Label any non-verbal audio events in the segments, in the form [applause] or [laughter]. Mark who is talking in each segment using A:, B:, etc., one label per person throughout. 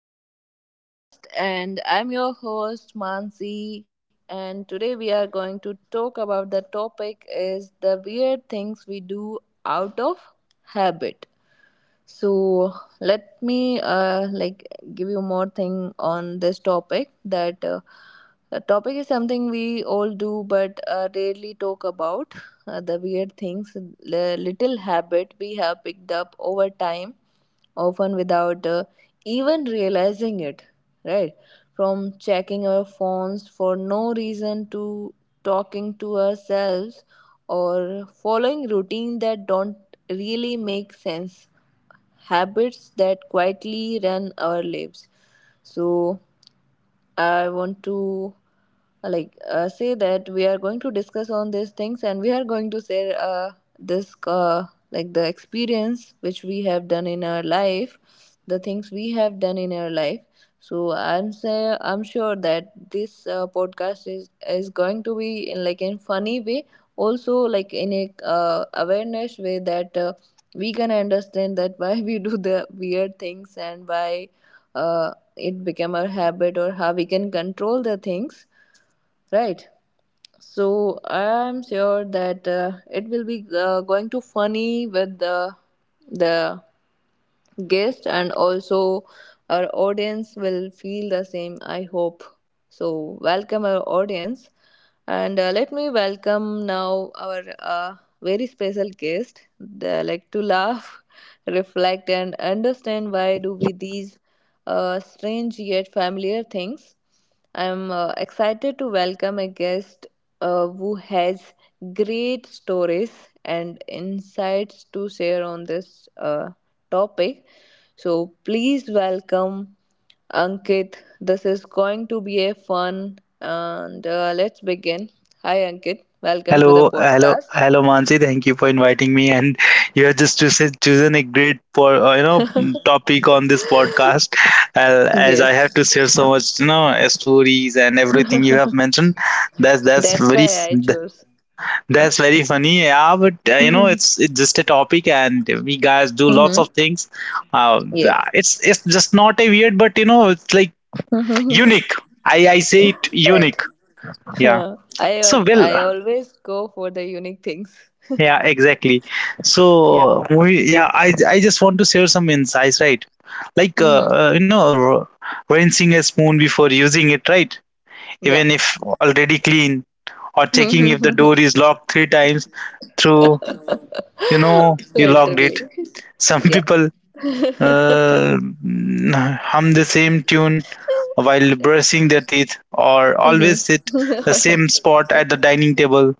A: our another podcast, and I'm your host Mansi, and today we are going to talk about the topic is the weird things we do out of habit. So let me give you more thing on this topic that the topic is something we all do but rarely talk about the weird things, the little habit we have picked up over time often without even realizing it, right? From checking our phones for no reason, to talking to ourselves, or following routine that don't really make sense, habits that quietly run our lives. So I want to say that we are going to discuss on these things, and we are going to share this like the experience which we have done in our life, the things we have done in our life. So I'm sure that this podcast is going to be in like in funny way, also like in a awareness way that we can understand that why we do the weird things, and why it become our habit, or how we can control the things, right? So I'm sure that it will be going to funny with the the guest, and also our audience will feel the same, I hope. So welcome our audience, and let me welcome now our very special guest. They like to laugh [laughs] reflect and understand why do we these strange yet familiar things. I'm excited to welcome a guest who has great stories and insights to share on this topic. So please welcome Ankit. This is going to be a fun, and let's begin. Hi Ankit, welcome to the
B: Hello, hello,
A: podcast.
B: hello, Mansi. Thank you for inviting me. And you have just chosen a great, for topic on this podcast. As I have to
A: Yes,
B: share so much, stories and everything you have mentioned. That's
A: that's why I chose.
B: very funny. Yeah, but
A: [laughs] Hmm.
B: it's just a topic, and we guys do lots of things. Uh,
A: Yes.
B: it's just not a weird, but you know, it's like
A: [laughs]
B: unique. I say it
A: Right.
B: unique.
A: [laughs]
B: Yeah.
A: Huh?
B: So well.
A: I always go for the unique things. [laughs]
B: Yeah, exactly.
A: Yeah.
B: So, I just want to share some insights, right? Like,
A: Mm-hmm.
B: rinsing a spoon before using it, right?
A: Yeah.
B: Even if already clean, or checking if the door is locked three times through, you know,
A: [laughs]
B: you locked it.
A: Literally.
B: Some [laughs]
A: Yeah.
B: people uh, hum the same tune while brushing their teeth or
A: Mm-hmm.
B: always sit the same spot at the dining table.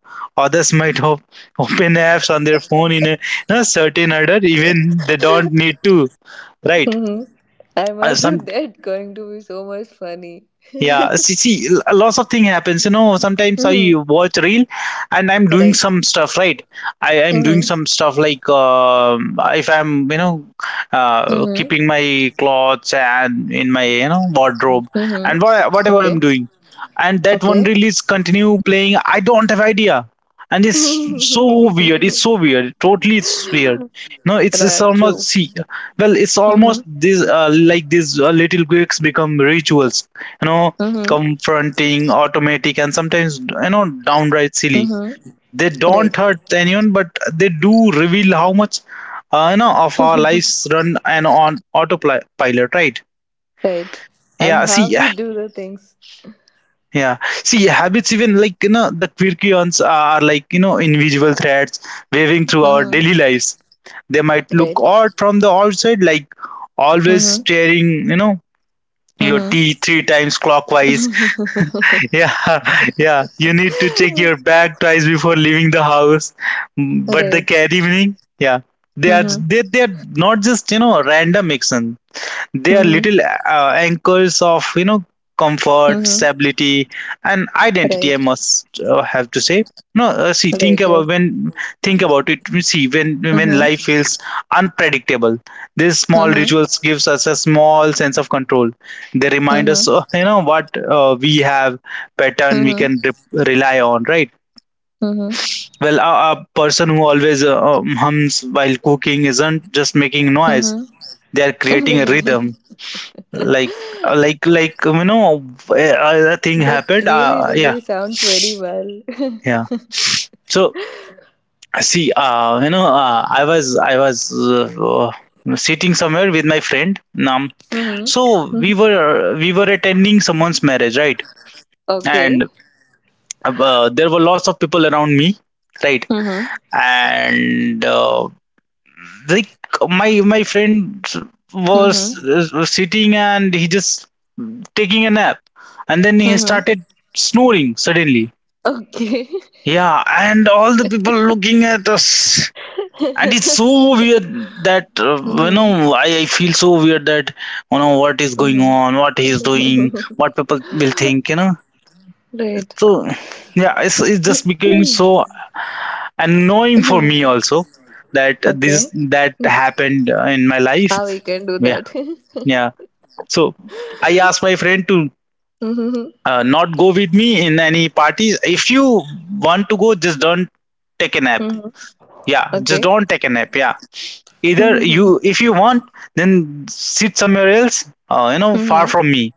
B: Others might [laughs] open apps on their phone in a certain order, even they don't need to, right?
A: Mm-hmm. I must say [laughs]
B: Some
A: that going to be so much funny.
B: Yeah, see, lots of thing happens. You know, sometimes I
A: Mm-hmm.
B: watch reel, and I'm doing
A: Right.
B: some stuff, right? I am doing
A: Mm-hmm.
B: some stuff like if I'm, you know,
A: Mm-hmm.
B: keeping my clothes and in my, you know, wardrobe
A: Mm-hmm.
B: and whatever I'm
A: Okay.
B: doing, and that one
A: Okay.
B: reel is continue playing. I don't have idea, and it's so weird. It's so weird. Totally, it's weird. No,
A: [laughs]
B: it's
A: Right.
B: almost
A: True.
B: see, well, it's
A: Mm-hmm.
B: almost this like these little quirks become rituals, you know,
A: Mm-hmm.
B: confronting automatic and sometimes, you know, downright silly.
A: Mm-hmm.
B: They
A: Right.
B: don't hurt anyone, but they do reveal how much you know of our lives run and on autopilot, right?
A: Right. And
B: yeah
A: how
B: see
A: we do the things.
B: yeah See, habits, even like, you know, the quirkions are like, you know, invisible threads waving through our
A: Mm-hmm.
B: daily lives. They might look
A: Right.
B: odd from the outside, like always
A: Mm-hmm.
B: staring, you know, your
A: Mm-hmm.
B: tea three times clockwise. [laughs] Yeah, yeah, you need to check your bag twice before leaving the house. Mm, but the
A: Right.
B: carry evening, yeah, they are,
A: Mm-hmm.
B: they are not just, you know, random action. They are
A: Mm-hmm.
B: little anchors of, you know, comfort,
A: Mm-hmm.
B: stability, and identity. I
A: Right.
B: must have to say. No, see,
A: Right. Right.
B: think about it. See, when
A: Mm-hmm.
B: life feels unpredictable, these small
A: Mm-hmm.
B: rituals gives us a small sense of control. They remind us,
A: Mm-hmm.
B: you know, what we have pattern we
A: Mm-hmm.
B: can rely on, right?
A: Mm-hmm.
B: Well, a person who always hums while cooking isn't just making noise;
A: Mm-hmm.
B: they are
A: [laughs]
B: creating a rhythm
A: Right.
B: like you know, a
A: [laughs]
B: thing
A: That
B: happened
A: really,
B: yeah.
A: really sounds very well. [laughs]
B: yeah so see, you know I was sitting somewhere with my friend, um, so we
A: Mm-hmm.
B: were we were attending someone's marriage, right?
A: Okay.
B: And there were lots of people around me, right.
A: Mm-hmm.
B: And like, my friend was
A: Mm-hmm.
B: sitting and he just taking a nap, and then he
A: Mm-hmm.
B: started snoring suddenly.
A: Okay.
B: Yeah, and all the people looking at us. And it's so weird that,
A: [laughs]
B: you
A: Mm-hmm.
B: know, I feel so weird that, you know, what is going
A: Mm-hmm.
B: on, what he's doing, what people will think, you know.
A: Right.
B: So, yeah, it's just becoming so annoying for
A: Mm-hmm.
B: me also that this
A: Okay.
B: that
A: Mm,
B: happened in my life.
A: how we can do
B: Yeah,
A: that?
B: yeah.
A: [laughs]
B: So, I asked my friend to
A: Mm-hmm.
B: not go with me in any parties. If you want to go, just don't take a nap.
A: Mm-hmm.
B: Yeah, just
A: Okay.
B: don't take a nap. Yeah,
A: Mm-hmm.
B: either you
A: Mm-hmm.
B: if you want then sit somewhere else, you know, far
A: Mm-hmm.
B: from me.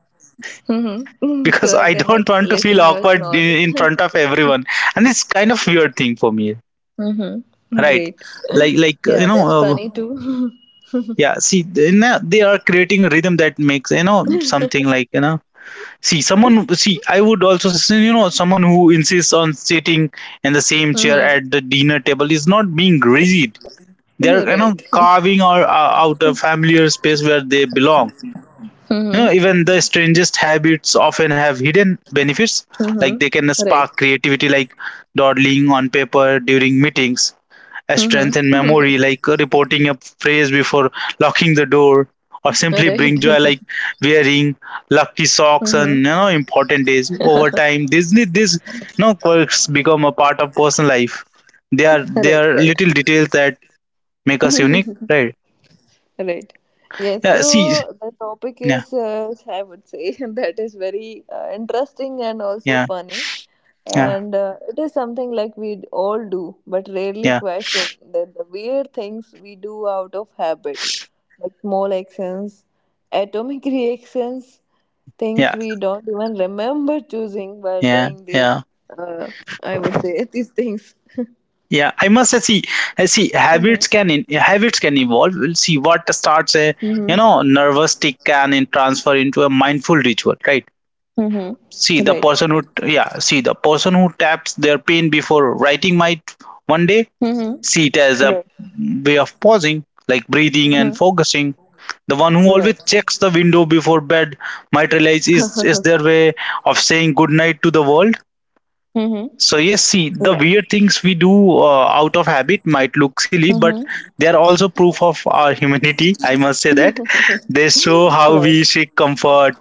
B: [laughs]
A: Mm-hmm. [laughs]
B: Because
A: So I
B: I
A: cannot
B: don't want to feel
A: listen your
B: awkward
A: snore.
B: in
A: [laughs]
B: front of everyone, and it's kind of weird thing for me,
A: Mm-hmm.
B: right?
A: Great.
B: Like,
A: Yeah, that's funny too. [laughs]
B: yeah, see, they are creating a rhythm that makes, you know, something like, you know, see someone see I would also say, you know, someone who insists on sitting in the same chair
A: Mm-hmm.
B: at the dinner table is not being rigid. They're,
A: You're
B: you know,
A: right. [laughs]
B: carving or out a familiar space where they belong. You
A: Mm-hmm.
B: know, even the strangest habits often have hidden benefits. Like,
A: Mm-hmm.
B: they can
A: Right.
B: spark creativity, like dawdling on paper during meetings, a strengthen
A: Mm-hmm.
B: memory, like reporting a phrase before locking the door, or
A: [laughs]
B: simply
A: Right.
B: bring joy, like
A: [laughs]
B: wearing lucky socks on,
A: Mm-hmm.
B: you know, important days. Over time, these you know quirks become a part of personal life. They
A: Right,
B: are
A: right.
B: little details that make us unique, right?
A: Right. Yes,
B: yeah see
A: so the topic
B: yeah
A: is, I would say, [laughs] that is very interesting and also
B: yeah
A: funny.
B: yeah
A: And it is something like we all do, but rarely
B: yeah
A: question, that the weird things we do out of habit, like small actions, atomic [laughs] reactions, things
B: yeah
A: we don't even remember choosing while
B: yeah
A: doing this.
B: Yeah.
A: Uh, I would say [laughs] these things.
B: Yeah, I must say, see, see,
A: Mm-hmm. [laughs]
B: habits can evolve. We'll see what starts a,
A: Mm-hmm.
B: you know, nervous tick can in transfer into a mindful ritual, right? See
A: Mm-hmm.
B: the
A: Right.
B: person who, taps their pen before writing might one day see it as
A: Mm-hmm.
B: a
A: Right.
B: way of pausing, like breathing and focusing. The one who always
A: Right.
B: checks the window before bed might realize is their way of saying good night to the world.
A: Mm-hmm.
B: So yes, see the
A: Yeah.
B: weird things we do out of habit might look silly, but they
A: Mm-hmm.
B: are also proof of our humanity. I must say that they show how
A: Right.
B: we seek comfort,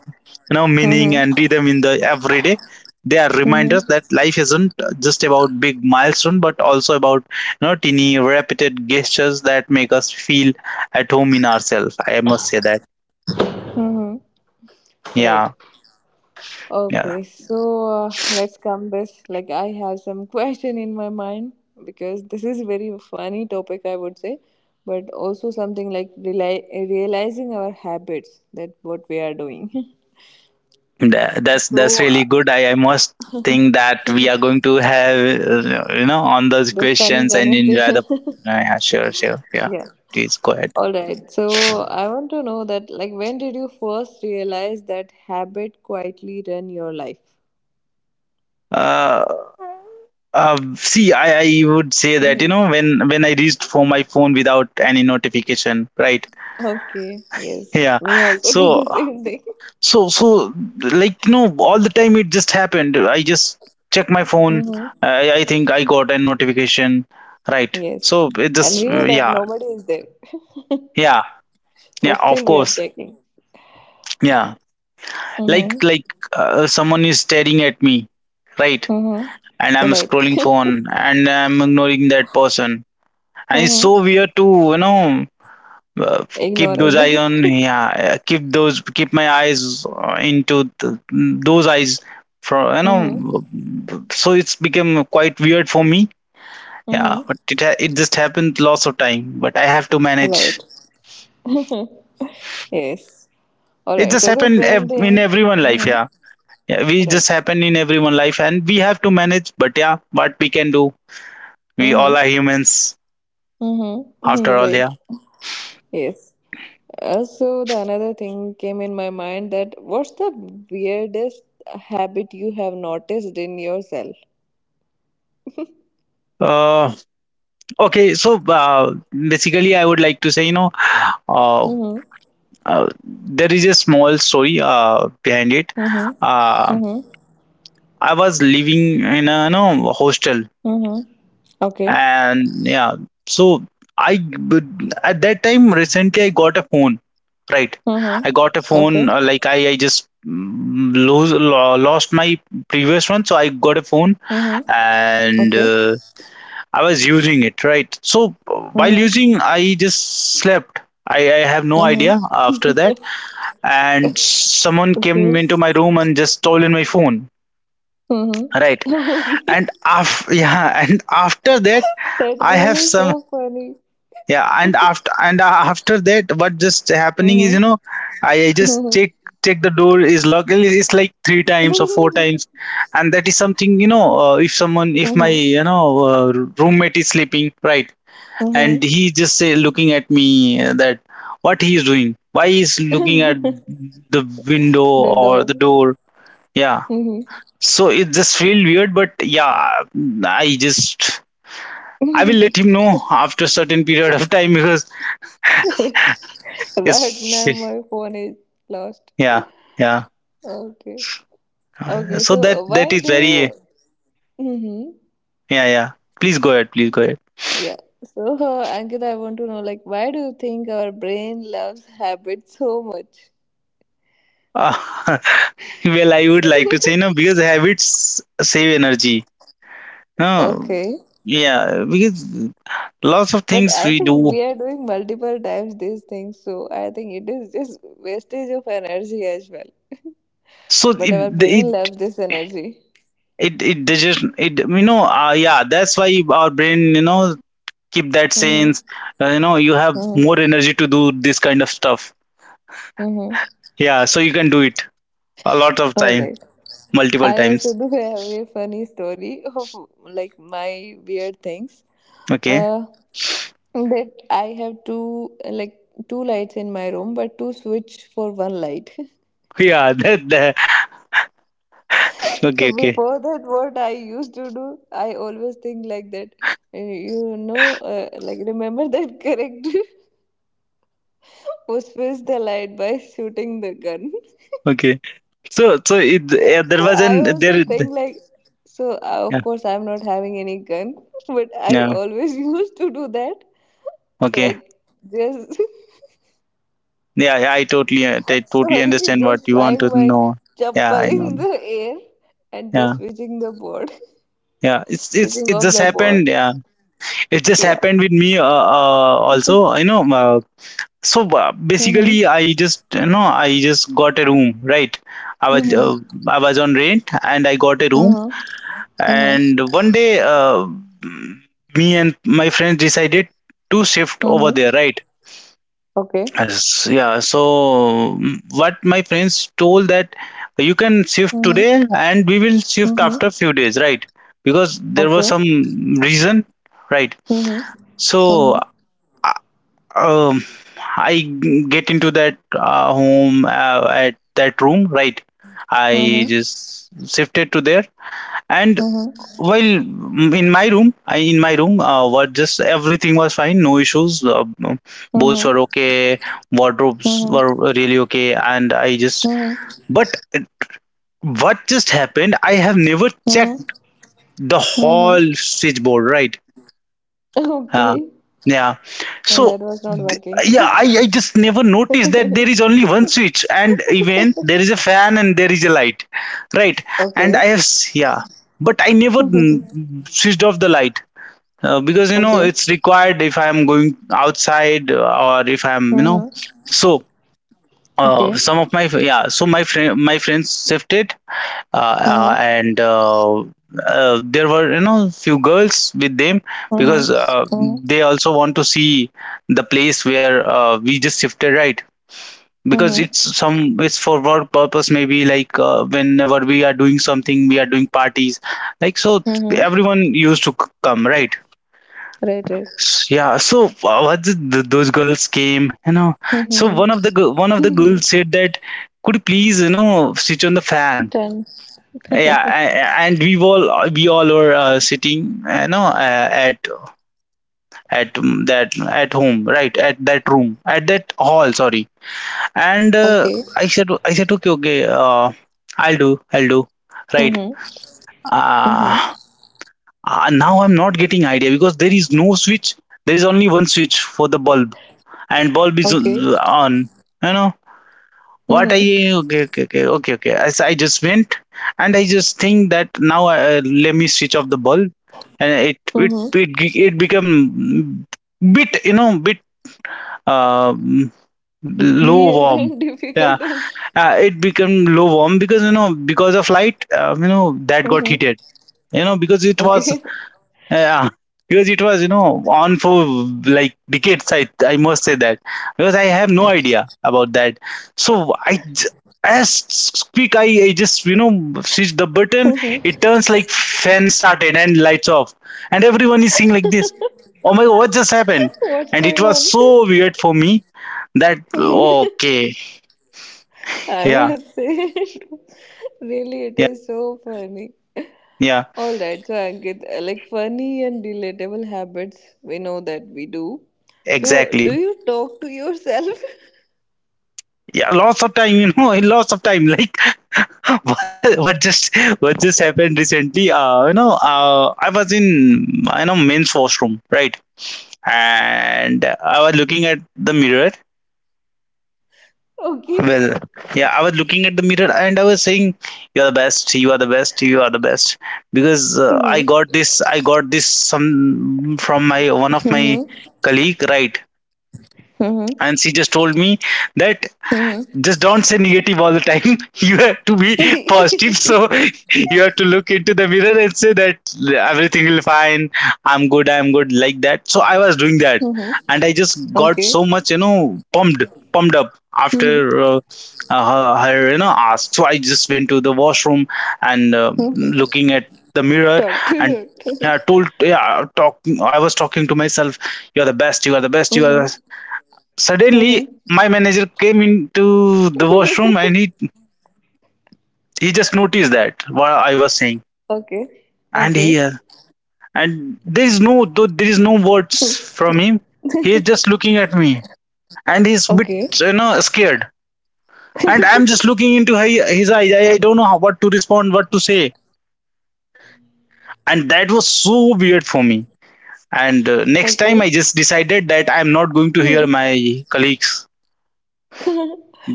B: you know, meaning and
A: Mm-hmm.
B: rhythm in the everyday. They are reminders that
A: Mm-hmm.
B: life isn't just about big milestone, but also about, you know, teeny repeated gestures that make us feel at home in ourselves. I must say that.
A: Mm-hmm.
B: Yeah,
A: Right.
B: yeah.
A: Okay. So let's come this. Like I have some [laughs] question in my mind, because this is very funny topic I would say, but also something like realizing our habits, that what we are doing.
B: That's
A: [laughs]
B: that's
A: So
B: really good. I must think that we are going to have, you know, on those
A: this funny
B: questions and enjoy
A: conversation.
B: the.
A: [laughs]
B: Yeah, sure, sure. Yeah,
A: Yeah.
B: please go ahead.
A: All right. So I want to know that, like, when did you first realize that habit quietly run your life?
B: Uh, See, I would say that, you
A: Mm-hmm.
B: know, when I reached for my phone without any notification, right?
A: Okay. Yes.
B: Yeah.
A: Me also do
B: So
A: the same thing.
B: so like, you know, all the time it just happened. I just check my phone.
A: Mm-hmm.
B: I think I got a notification, right?
A: Yes.
B: So it
A: And
B: just
A: we know that
B: yeah,
A: nobody is there,
B: yeah,
A: [laughs] but
B: yeah, of
A: still we are
B: course.
A: checking.
B: Yeah,
A: Mm-hmm.
B: like, someone is staring at me, right? And I'm
A: Mm-hmm. Right.
B: scrolling
A: [laughs]
B: phone and I'm ignoring that person. And it's
A: Mm-hmm.
B: so weird to, you know, uh,
A: Ignoring them. [laughs]
B: keep those keep my eyes into th those eyes for, you know,
A: Mm-hmm.
B: so it's become quite weird for me. Yeah,
A: Mm-hmm.
B: but it just happened lots of time, but I have to manage.
A: Right. Yes. All
B: It
A: right.
B: just
A: So the
B: happened ev
A: same
B: in
A: thing.
B: everyone life,
A: Mm-hmm.
B: yeah. Yeah, we just
A: Right.
B: happen in everyone life and we have to manage, but yeah, what we can do. We all
A: Mm-hmm.
B: are humans
A: Mm-hmm.
B: after
A: [laughs]
B: all,
A: Right.
B: yeah.
A: Yes. So the another thing came in my mind, that what's the weirdest habit you have noticed in yourself?
B: Uh, okay, so basically, I would like to say, you know, uh,
A: Mm-hmm.
B: there is a small story behind it.
A: Mm-hmm.
B: Uh,
A: Mm-hmm.
B: I was living in a, you know, hostel.
A: Mm-hmm. Okay.
B: And yeah, so i at that time recently I got a phone, right?
A: Mm-hmm.
B: I got a phone,
A: Okay.
B: like I just lost my previous one, so I got a phone.
A: Mm-hmm.
B: And
A: Okay.
B: I was using it, right? So while
A: Mm-hmm.
B: using I just slept. I have no idea
A: Mm-hmm.
B: after that, and someone came
A: Okay.
B: into my room and just stolen my phone,
A: Mm-hmm.
B: right?
A: [laughs] Okay.
B: And [laughs] yeah, and after that
A: That
B: I have
A: really
B: some.
A: so funny.
B: Yeah, and after that what just happening is,
A: Mm-hmm.
B: you know, I just
A: Mm-hmm.
B: check the door is locked, and it's like three times or four times.
A: [laughs]
B: And that is something, you know, if someone if my,
A: Mm-hmm.
B: you know, roommate is sleeping, right? And
A: Mm-hmm.
B: he just say looking at me, that what he is doing, why he is looking at the window
A: [laughs] The
B: or
A: door.
B: the door. Yeah, so it just feel weird, but yeah, i just I will let
A: Mm-hmm.
B: him know after certain period of time, because
A: [laughs] Right
B: it's,
A: now my phone is lost.
B: yeah, yeah.
A: Okay. Okay,
B: So
A: so
B: that that
A: why
B: is
A: do you
B: very,
A: mm-hmm.
B: yeah, yeah. Please go ahead. Please go ahead.
A: Yeah. So Ankita, I want to know, like why do you think our brain loves habits so much?
B: Uh, [laughs] well, I would like to
A: [laughs]
B: say no, because habits save energy. No,
A: Okay.
B: yeah, because lots of
A: But
B: things
A: I
B: we
A: think
B: do.
A: we are doing multiple times these things, so I think it is just wastage of energy as well.
B: So
A: But our
B: it
A: brain loves this energy.
B: it digest it, you know, yeah, that's why our brain, you know, keep that
A: Mm-hmm.
B: sense. You know, you have
A: Mm-hmm.
B: more energy to do this kind of stuff.
A: Mm-hmm.
B: Yeah, so you can do it a lot of
A: All
B: time,
A: right.
B: multiple
A: I also
B: times.
A: do have a funny story of like my weird things.
B: Okay. [laughs]
A: Uh, that I have two like two lights in my room, but two switch for one light. [laughs]
B: Yeah, that, that, okay,
A: So
B: okay.
A: before that, what I used to do, I always think like that. Uh, you know, like remember that character [laughs] who switched the light by shooting the gun.
B: Okay. So so it yeah, there
A: So
B: was
A: I
B: an
A: also
B: there,
A: think like, so of
B: yeah,
A: course I'm not having any gun, [laughs] but I
B: yeah,
A: always [laughs] used to do that.
B: okay.
A: Like just
B: Yeah, I
A: [laughs]
B: totally
A: sorry,
B: understand what
A: just
B: you want to
A: flying my
B: know. Yeah,
A: chappal
B: I know.
A: in the air and just
B: Yeah.
A: switching the board,
B: Yeah,
A: [laughs]
B: it's
A: switching
B: it
A: off
B: just
A: the
B: happened.
A: board.
B: Yeah, it just
A: Yeah.
B: happened with me. Also, you know. So
A: Mhm.
B: basically, I just, you know, I just got a room, right? I was uh,
A: Mhm.
B: I was on rent, and I got a room.
A: Mhm. Mhm.
B: And one day, me and my friends decided to shift over
A: Mhm.
B: there, right?
A: Okay.
B: Yes, yeah, so what my friends told that you can shift
A: Mhm.
B: today and we will shift
A: Mhm.
B: after few days, right? Because there was
A: Okay.
B: some reason, right?
A: Mhm.
B: So
A: Mhm.
B: uh, um, I get into that home at that room, right? I
A: Mhm.
B: just shifted to there, and
A: Mhm.
B: well, in my room, what just everything was fine, no issues. Boats
A: Mhm.
B: were okay, wardrobes were
A: Mhm.
B: really okay, and I just.
A: Mhm.
B: But what just happened? I have never checked the
A: Mhm.
B: whole switchboard, right?
A: [laughs]
B: Uh,
A: Okay.
B: yeah.
A: And
B: So,
A: that was not
B: yeah,
A: working.
B: I just never
A: [laughs]
B: noticed that
A: Okay.
B: there is only one switch, and even there is a fan and there is a light, right?
A: [laughs]
B: And
A: Okay.
B: I have yeah, but I never
A: Mm-hmm.
B: switched off the light. Because
A: Okay.
B: it's required if I'm going outside, or if I'm,
A: Mm-hmm.
B: so some of my, yeah, so my friends shifted, and there were, few girls with them, because
A: Mm-hmm. Mm-hmm.
B: they also want to see the place where we just shifted, right? Because it's
A: Mm-hmm.
B: some, it's for work purpose, maybe like, whenever we are doing something we are doing parties, like, so
A: Mm-hmm.
B: everyone used to come, right?
A: Right, right.
B: Yeah, so what those girls came, you know. So
A: Mm-hmm.
B: one of the girls said that, "Could you please, switch on the
A: [laughs]
B: fan?"
A: Ten.
B: Yeah,
A: [laughs]
B: and we all were sitting, you know, at that at home, right? At that room, at that hall, sorry. And
A: Okay.
B: I said, okay, okay, I'll do, right?
A: Mm-hmm. Mm-hmm.
B: Uh, Now I'm not getting idea because there is no switch. There is only one switch for the bulb and bulb is
A: Okay.
B: on, you know what I
A: Mm-hmm.
B: okay, okay, okay, okay, okay. As I just went and I just think that now, let me switch off the bulb. And it it
A: Mm-hmm.
B: it, it become bit, you know, bit um, low
A: Weird
B: warm.
A: and [laughs]
B: Yeah,
A: difficult also.
B: it became low warm because, you know, because of light, you know, that got
A: Mm-hmm.
B: heated, you know, because it was...
A: Okay.
B: Yeah, because it was, you know, on for like decades. I must say that, because I have no idea about that. So as quick I just, you know, switch the button. It turns like fan started and lights off, and everyone is seeing like this. Oh my god, what just happened?
A: [laughs] What's
B: And it
A: going
B: was
A: on?
B: so weird for me, that okay.
A: [laughs] I
B: Yeah,
A: must say, [laughs] really,
B: yeah,
A: it is so funny.
B: yeah,
A: All right, so I get like funny and relatable habits. We know that we do. So,
B: exactly.
A: do you talk to yourself?
B: Yeah, lots of time, you know, [laughs] lots of time. Like, [laughs] what, what just what just happened recently. You know, I was in, you know, men's washroom, right? And I was looking at the mirror.
A: [laughs] Okay.
B: Well, yeah, I was looking at the mirror and I was saying, "You are the best, you are the best, you are the best," because i
A: Mm-hmm.
B: got this i got this some from my, one of my
A: Mm-hmm.
B: colleague, right?
A: Mm-hmm.
B: And she just told me that,
A: Mm-hmm.
B: "Just don't say negative all the time. [laughs] You have to be positive."
A: [laughs]
B: So, [laughs] you have to look into the mirror and say that everything will fine. "I'm good, I'm good," like that. So I was doing that.
A: Mm-hmm.
B: And I just got
A: Okay.
B: so much, you know, pumped up after
A: Mm-hmm.
B: uh, her, her, you know, ask. So I just went to the washroom and
A: Mm-hmm.
B: looking at the mirror,
A: Talk to
B: and
A: your.
B: yeah,
A: [laughs]
B: told, yeah, talking. I was talking to myself. "You are the best. You are the best. You are. The—"
A: Mm-hmm.
B: Suddenly,
A: Mm-hmm.
B: my manager came into the
A: [laughs]
B: washroom, and he just noticed that what I was saying,
A: Okay.
B: and he,
A: Okay.
B: and there is no, though there is no words from him. He is just looking at me, and he's bit,
A: Okay.
B: you know, scared, and I'm just looking into his eyes. I don't know how, what to respond, what to say, and that was so weird for me. And next time,
A: Okay.
B: I just decided that I'm not going to hear my colleagues,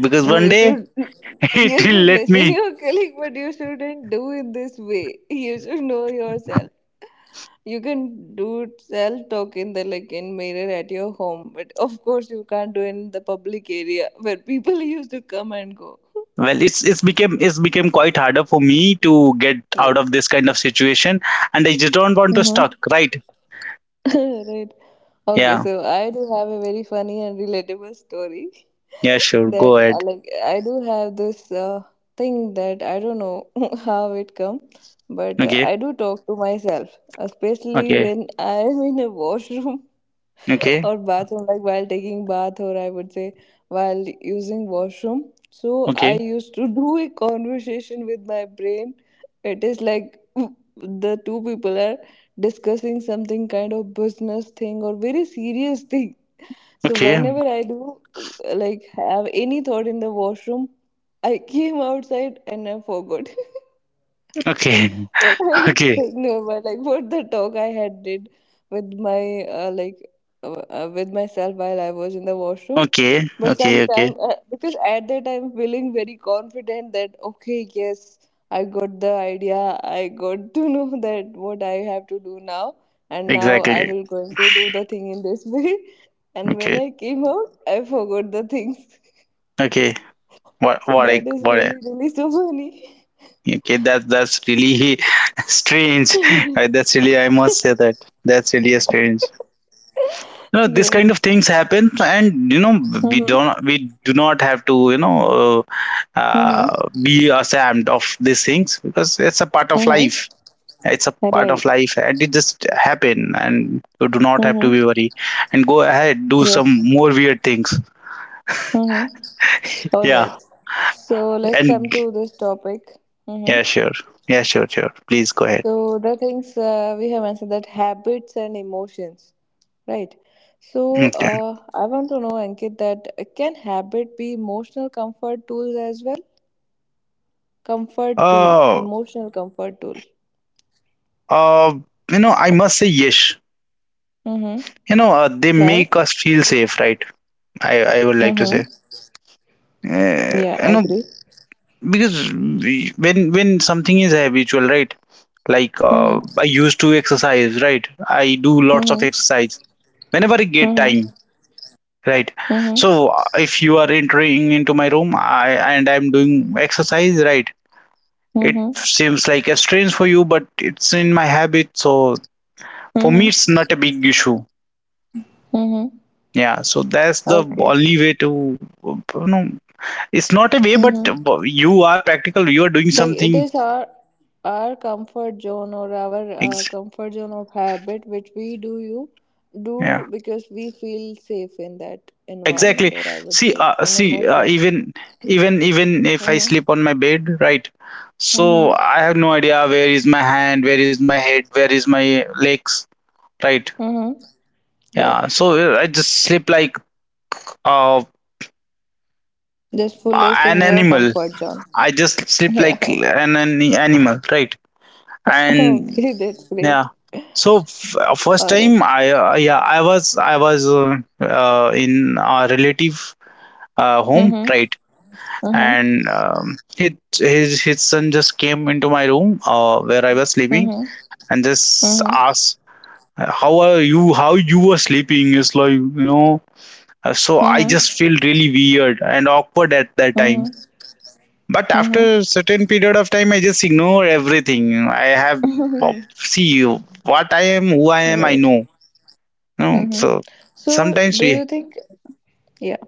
B: because
A: No,
B: one day [laughs] it
A: you
B: will
A: should
B: let
A: listen
B: me...
A: your colleague, but you shouldn't do it this way. You should know yourself. You can do self talk in the like in mirror at your home, but of course you can't do it in the public area where people [laughs] used to come and go.
B: Well, it's became quite harder for me to get out of
A: Yes.
B: this kind of situation, and I just don't want to
A: Mm-hmm.
B: stuck, right?
A: [laughs] Right. Okay,
B: Yeah,
A: so I do have a very funny and relatable story
B: yeah,
A: [laughs]
B: sure, go
A: that
B: ahead.
A: like I do have this thing that I don't know [laughs] how it come, but
B: Okay,
A: I do talk to myself, especially
B: okay,
A: when I am in a washroom [laughs]
B: okay,
A: or bathroom, like while taking bath, or I would say while using washroom. So I
B: okay,
A: used to do a conversation with my brain. It is like [laughs] the two people are discussing something kind of business thing or very serious thing. So
B: okay,
A: whenever I do like have any thought in the washroom, I [laughs] came outside and I forgot. [laughs]
B: okay.
A: What I
B: [laughs] Okay,
A: think, no, but like what the talk I had did with my with myself while I was in the washroom.
B: okay,
A: But
B: okay, okay.
A: sometimes, because at that time feeling very confident that okay, yes, I got the idea. I got to know [laughs] that what I have to do now, and now I
B: Exactly.
A: will going to do the thing in this way. [laughs] And when
B: Okay,
A: I came out, I forgot the things. [laughs]
B: okay.
A: So that is
B: What I...
A: really really so funny.
B: Okay, that's really [laughs] strange.
A: [laughs]
B: That's really, I must say that, that's really strange. No, this kind
A: Yes.
B: of things happen, and, you know,
A: Mhm.
B: we do not have to, you know,
A: Mhm.
B: be ashamed of these things, because it's a part of
A: Mhm.
B: life. It's a part of
A: Right.
B: life, and it just happen, and you do not have to be
A: Mm-hmm.
B: worried, and go ahead, do some
A: Yes.
B: more weird things.
A: Mm-hmm. All right.
B: Yeah,
A: So let's
B: and
A: come to this topic.
B: yeah,
A: Mm-hmm.
B: sure, yeah, sure, sure, please go ahead.
A: So the things we have answered, that habits and emotions, right? So
B: Okay.
A: I want to know, Ankit, that can habit be emotional comfort tools as well? Comfort tool,
B: uh
A: emotional comfort tool.
B: uh you know, I must say, yes,
A: Mm-hmm.
B: you know, they
A: Why?
B: make us feel safe, right? I would like to
A: Mm-hmm.
B: say,
A: Yeah,
B: you
A: I
B: know,
A: agree.
B: because when something is habitual, right? Like,
A: Mm-hmm.
B: I used to exercise, right? I do lots of
A: Mm-hmm.
B: exercise whenever I get
A: Mm-hmm.
B: time, right?
A: Mm-hmm.
B: So if you are entering into my room, I, and I'm doing exercise, right? It
A: Mm-hmm.
B: seems like a strange for you, but it's in my habit, so for me it's
A: Mm-hmm.
B: not a big issue.
A: Mm-hmm.
B: Yeah, so that's the
A: Okay.
B: only way to, you know, it's not a way, but
A: Mm-hmm.
B: you are practical, you are doing
A: Like
B: something,
A: it is our comfort zone, or our
B: ex-
A: comfort zone of habit, which we do you do
B: yeah,
A: because we feel safe in that
B: exactly.
A: environment, or I would
B: see
A: say
B: uh,
A: in
B: see uh,
A: emotion.
B: even even if I
A: Mm-hmm.
B: sleep on my bed, right? So
A: Mm-hmm.
B: I have no idea where is my hand, where is my head, where is my legs, right?
A: Mm-hmm. Right,
B: Yeah, so I just sleep like, uh,
A: just full is
B: an
A: in your
B: animal.
A: comfort zone.
B: I just sleep
A: Yeah.
B: like an animal, right?
A: [laughs]
B: And
A: Okay, that's great.
B: yeah, so first
A: All right.
B: time I, yeah, I was in a relative home,
A: Mm-hmm.
B: right?
A: Mm-hmm.
B: And his, his son just came into my room, where I was sleeping,
A: Mm-hmm.
B: and just
A: Mm-hmm.
B: asked, "How are you, how you were sleeping?" It's like, you know, so I
A: Mm-hmm.
B: just feel really weird and awkward at that
A: Mm-hmm.
B: time. But
A: Mm-hmm.
B: after a certain period of time, I just ignore everything. I have, well, see, what I am, who I am, I
A: Right.
B: know you.
A: Mm-hmm.
B: So,
A: So
B: sometimes
A: do
B: we,
A: you think yeah,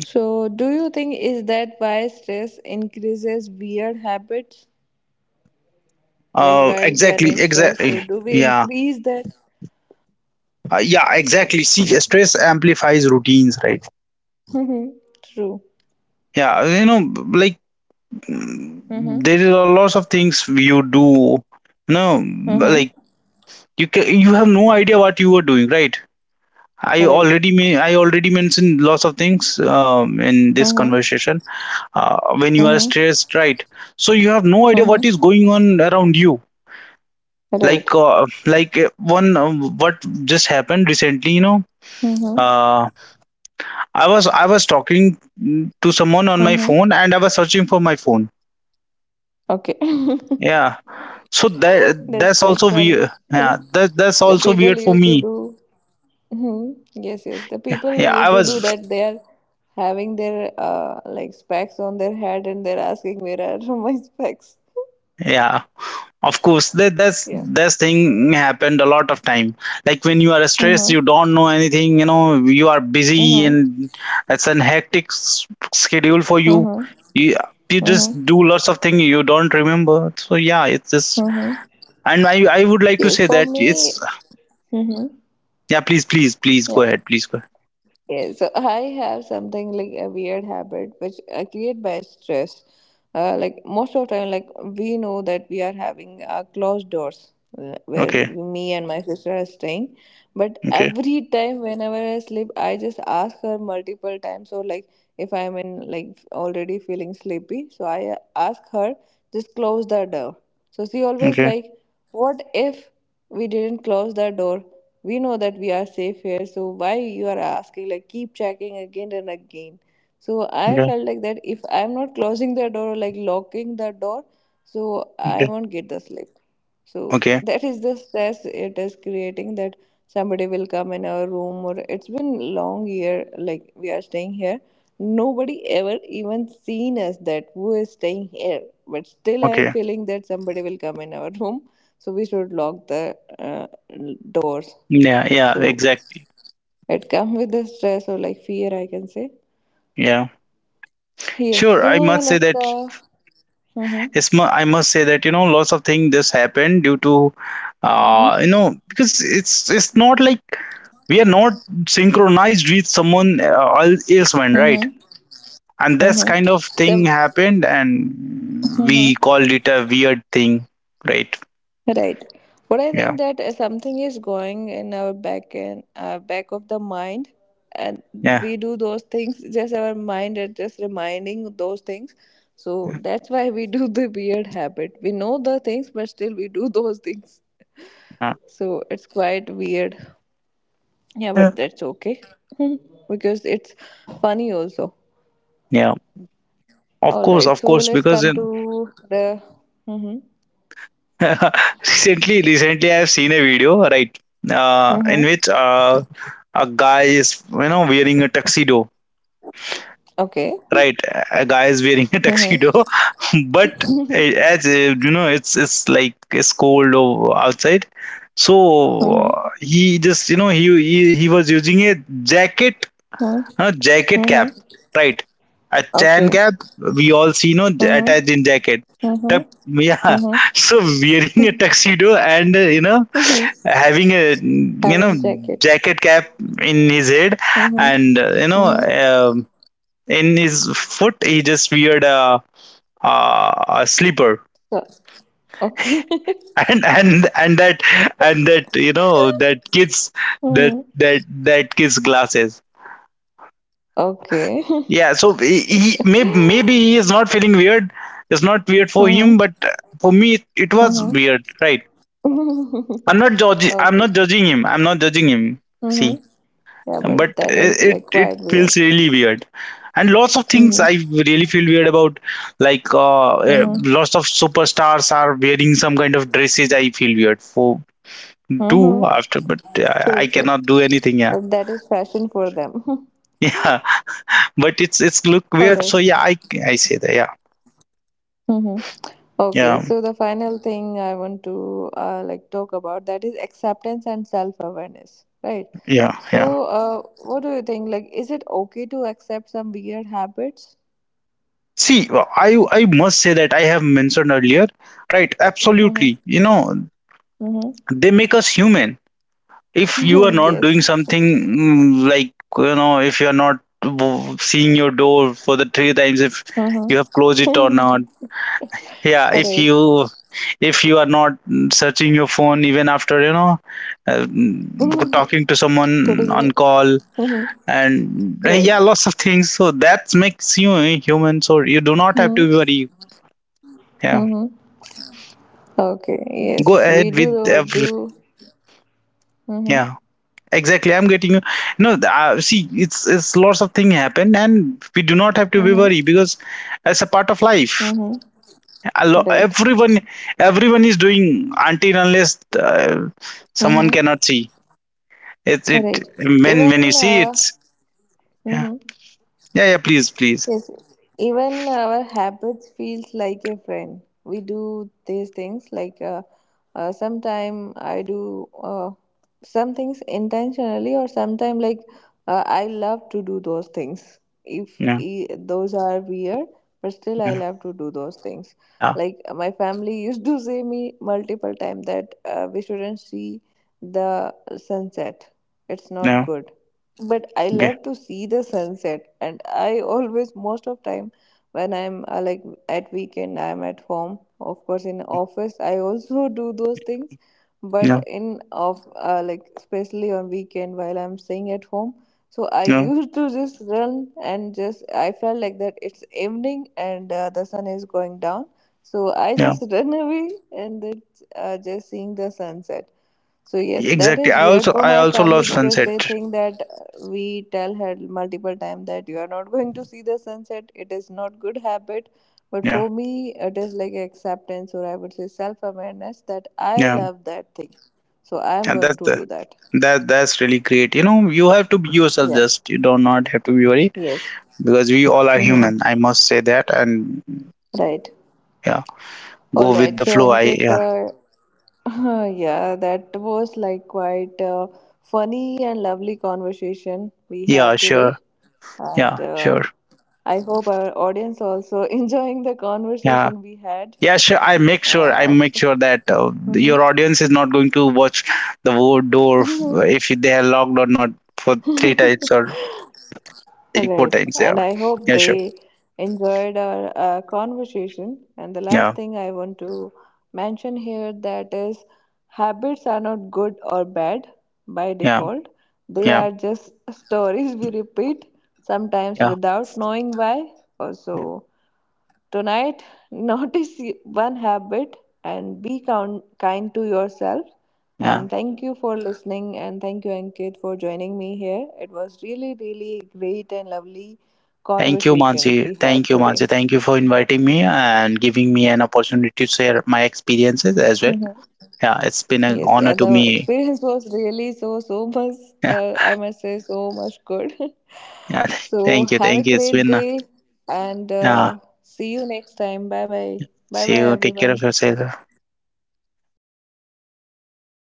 A: so, do you think is that why stress increases weird habits? Like while we are
B: exactly,
A: in stress,
B: exactly.
A: so do we
B: Yeah,
A: increase that?
B: yeah, exactly. See, stress amplifies routines, right?
A: Mm-hmm. True.
B: Yeah, you know, like, mm,
A: Mm-hmm.
B: there are lots of things you do, you know,
A: Mm-hmm.
B: like, you can, you have no idea what you are doing, right? I
A: Right.
B: already, may I already mentioned lots of things in this
A: Mm-hmm.
B: conversation, when you are
A: Mm-hmm.
B: stressed, right? So you have no idea what
A: Mm-hmm.
B: is going on around you,
A: Right.
B: like, like one what just happened recently, you know,
A: Mm-hmm.
B: uh, I was talking to someone on my
A: Mm-hmm.
B: phone and I was searching for my phone.
A: Okay. [laughs]
B: Yeah. So that
A: That's
B: that's
A: quite
B: also
A: funny.
B: weird. Yeah,
A: Mhm.
B: that's
A: The
B: also
A: people
B: weird for
A: used to
B: me.
A: do. Mhm. Yes, yes. The people
B: Yeah, I
A: used to do
B: was.
A: that. They are having their like specs on their head, and they're asking, "Where are [laughs] my specs?"
B: Yeah, of course. That that's
A: Yeah.
B: that's thing happened a lot of time. Like when you are stressed,
A: Mhm.
B: you don't know anything. You know, you are busy,
A: Mhm.
B: and it's an hectic schedule for you.
A: Mhm.
B: You you
A: Mhm.
B: just do lots of things you don't remember. So yeah, it's just.
A: Mhm.
B: And I would like to
A: Yes,
B: say
A: for
B: that
A: me.
B: it's...
A: Mhm.
B: Yeah, please
A: Yeah.
B: go ahead. Please go ahead.
A: Yeah, so I have something like a weird habit which I create by stress. Like most of the time, like we know that we are having closed doors where
B: Okay,
A: me and my sister are staying. But
B: okay,
A: every time, whenever I sleep, I just ask her multiple times. So like if I'm in like already feeling sleepy, so I ask her just close the door. So she always
B: okay,
A: like, what if we didn't close the door? We know that we are safe here, so why you are asking, like, keep checking again and again? So I
B: okay,
A: felt like that if I'm not closing the door or like locking the door, so I
B: okay,
A: won't get the sleep. So
B: okay,
A: that is the stress it is creating, that somebody will come in our room. Or it's been long year like we are staying here, nobody ever even seen us that who is staying here, but still I am
B: okay.
A: feeling that somebody will come in our [laughs] room, so we should lock the uh, doors.
B: Yeah, yeah,
A: So
B: exactly.
A: it comes with the stress or like fear, I can say.
B: Yeah,
A: Yes,
B: sure. I
A: so
B: must say
A: let's
B: that
A: go. Mm-hmm.
B: I must say that, you know, lots of things just happened due to, you
A: Mm-hmm.
B: know, because it's not like we are not synchronized with someone, else, man, right?
A: Mm-hmm.
B: And that's
A: Mm-hmm.
B: kind of thing happened, and
A: Mm-hmm.
B: we called it a weird thing, right?
A: Right. But I think
B: Yeah,
A: that something is going in our back and back of the mind, and
B: yeah,
A: we do those things. Just our mind is just reminding those things. So that's why we do the weird habit. We know the things, but still we do those things.
B: uh,
A: So it's quite weird. Yeah,
B: yeah,
A: but that's okay, [laughs] because it's funny also.
B: yeah, of
A: All
B: course,
A: right,
B: of
A: so
B: course,
A: let's
B: because
A: come
B: in,
A: to the mm-hmm,
B: [laughs] recently I've seen a video, right? In
A: mm-hmm,
B: which, a guy is, you know, wearing a tuxedo,
A: okay,
B: right? A guy is wearing a tuxedo,
A: mm-hmm,
B: [laughs] but you know, it's like it's cold outside. So
A: mm-hmm,
B: he just, you know, he was using a jacket,
A: mm-hmm,
B: a jacket cap,
A: mm-hmm,
B: right? A tan
A: okay,
B: cap. We all see, no,
A: mm-hmm,
B: attached in jacket.
A: mm-hmm,
B: Yeah,
A: mm-hmm,
B: [laughs] so wearing a tuxedo and, you know,
A: mm-hmm.
B: having a, you know,
A: Having jacket.
B: jacket cap in his head,
A: Mm-hmm,
B: and, you know,
A: mm-hmm.
B: in his foot he just weared a slipper.
A: So, okay. [laughs]
B: [laughs] and and and that and that, you know, that kids, that
A: Mm-hmm.
B: that that kids glasses,
A: Okay. [laughs]
B: yeah, so maybe he is not feeling weird, it's not weird for
A: Mm-hmm,
B: him, but for me it was weird, right?
A: mm-hmm.
B: I'm not judging, I'm
A: [laughs] Okay.
B: not judging him, I'm not judging him.
A: Mm-hmm.
B: See,
A: Yeah,
B: but
A: but that is
B: it
A: like
B: it
A: quite weird.
B: feels really weird, and lots of things I
A: Mm-hmm.
B: really feel weird about. Like,
A: Mm-hmm.
B: lots of superstars are wearing some kind of dresses, I feel weird for do
A: Mm-hmm.
B: after, but
A: True,
B: I
A: true.
B: cannot do anything. Yeah.
A: But that is fashion for them. [laughs]
B: [laughs] Yeah, but it's look
A: All
B: weird,
A: right.
B: so yeah, I say that. Yeah,
A: Mm-hmm. Okay,
B: yeah,
A: so the final thing I want to like talk about that is acceptance and self-awareness, right?
B: yeah, yeah.
A: So, what do you think? Like, is it okay to accept some weird habits?
B: See, I must say that I have mentioned earlier, right? Absolutely,
A: Mm-hmm.
B: you know, they make us human. If you are
A: Mm-hmm. [laughs]
B: not doing
A: Yes.
B: something, like, you know, if you are not seeing your door for the three times, if you have closed it or
A: Mm-hmm.
B: not, yeah,
A: [laughs] Right.
B: if you are not, searching your phone even after, you know, talking to someone
A: [laughs] Putting
B: on
A: it.
B: call,
A: Mm-hmm.
B: and, yeah, lots of things, so that makes you a human, so you do not have to
A: Right.
B: worry. Yeah,
A: Mm-hmm. Okay.
B: go
A: Yes, we
B: ahead with
A: do
B: every.
A: do. Mm-hmm.
B: Yeah, exactly, I'm getting you. No, see, it's lots of things happen, and we do not have to be
A: Mm-hmm.
B: worried, because it's a part of life.
A: Mm-hmm.
B: A lo-
A: Right.
B: everyone everyone is doing, until unless, uh, someone
A: Mm-hmm.
B: cannot see, it's it,
A: Right.
B: when you
A: Even.
B: see it's... Yeah,
A: Mm-hmm.
B: yeah, yeah, please, please.
A: Yes, even our habits feels like a friend. We do these things like sometime I do some things intentionally, or sometime like I love to do those things. If
B: No,
A: those are weird, but still I
B: no,
A: love to do those things. Like my family [laughs] used to say me multiple time that we shouldn't see the sunset. It's
B: no,
A: not
B: no,
A: good, but I
B: okay.
A: love to see the sunset, and I always most of time when I'm like at weekend I'm at home, of course in office I also [laughs] do those things, but
B: No,
A: in of like especially on weekend while I'm staying at home, so I
B: no,
A: [laughs] used to just run, and just I felt like that it's evening and the sun is going down, so I
B: no,
A: just [laughs] run away and then just seeing the sunset. So yes, that
B: exactly,
A: is
B: i
A: weird
B: also
A: for
B: i
A: my
B: also
A: family,
B: love
A: because
B: sunset.
A: they think that we tell her multiple times that you are not [laughs] going to see the sunset. It is not good habit, but
B: Yeah,
A: for me, it is like acceptance, or I would say self awareness that I
B: yeah,
A: love that thing, so I am
B: and
A: going
B: that's
A: to
B: the...
A: do that.
B: That's really great. You know, you have to be yourself.
A: Yeah.
B: Just you do not have to be worried,
A: Yes.
B: because we all are
A: Mm-hmm.
B: human, I must say that, and
A: Right.
B: yeah,
A: All
B: go with
A: right,
B: the
A: so
B: flow. I
A: Ankit,
B: Yeah.
A: [laughs] yeah, that was like quite a funny and lovely conversation we
B: Yeah,
A: have
B: sure,
A: today,
B: yeah,
A: and
B: sure,
A: I hope our audience also [laughs] enjoying the
B: yeah,
A: conversation we had.
B: yeah, sure. I make sure
A: Uh,
B: I
A: of-
B: make sure that your audience is not going to watch the door
A: Mhm.
B: if they are locked or not for three times
A: [laughs]
B: or like four
A: Right.
B: times. Yeah,
A: And I hope
B: yeah, sure,
A: they enjoyed our conversation. And the
B: yeah,
A: last thing I want to mention here that is habits are not good or bad by
B: yeah,
A: default. They
B: yeah,
A: are just [laughs] stories we repeat sometimes
B: yeah,
A: without knowing why. Also, tonight, [laughs] notice one habit and be count, kind to yourself.
B: yeah.
A: And thank you for listening. And thank you, Ankit, for joining me here. It was really, really great and lovely
B: Thank you,
A: conversation
B: Mansi.
A: we
B: Thank
A: had
B: you,
A: today.
B: Mansi. Thank you for inviting me and giving me an opportunity to share my experiences as well.
A: Hmm.
B: Yeah, it's been an
A: Yes,
B: honor
A: and
B: to
A: the
B: me.
A: experience was really so, so much,
B: Yeah,
A: I must say, so much good. [laughs]
B: yeah. [laughs]
A: So,
B: Thank you,
A: have a
B: thank you. It's
A: great
B: been.
A: day and
B: Yeah.
A: see you next time. Bye bye. Bye
B: See
A: bye,
B: you. Take care
A: everyone.
B: of yourself.
A: You
B: Thank
A: too.
B: you.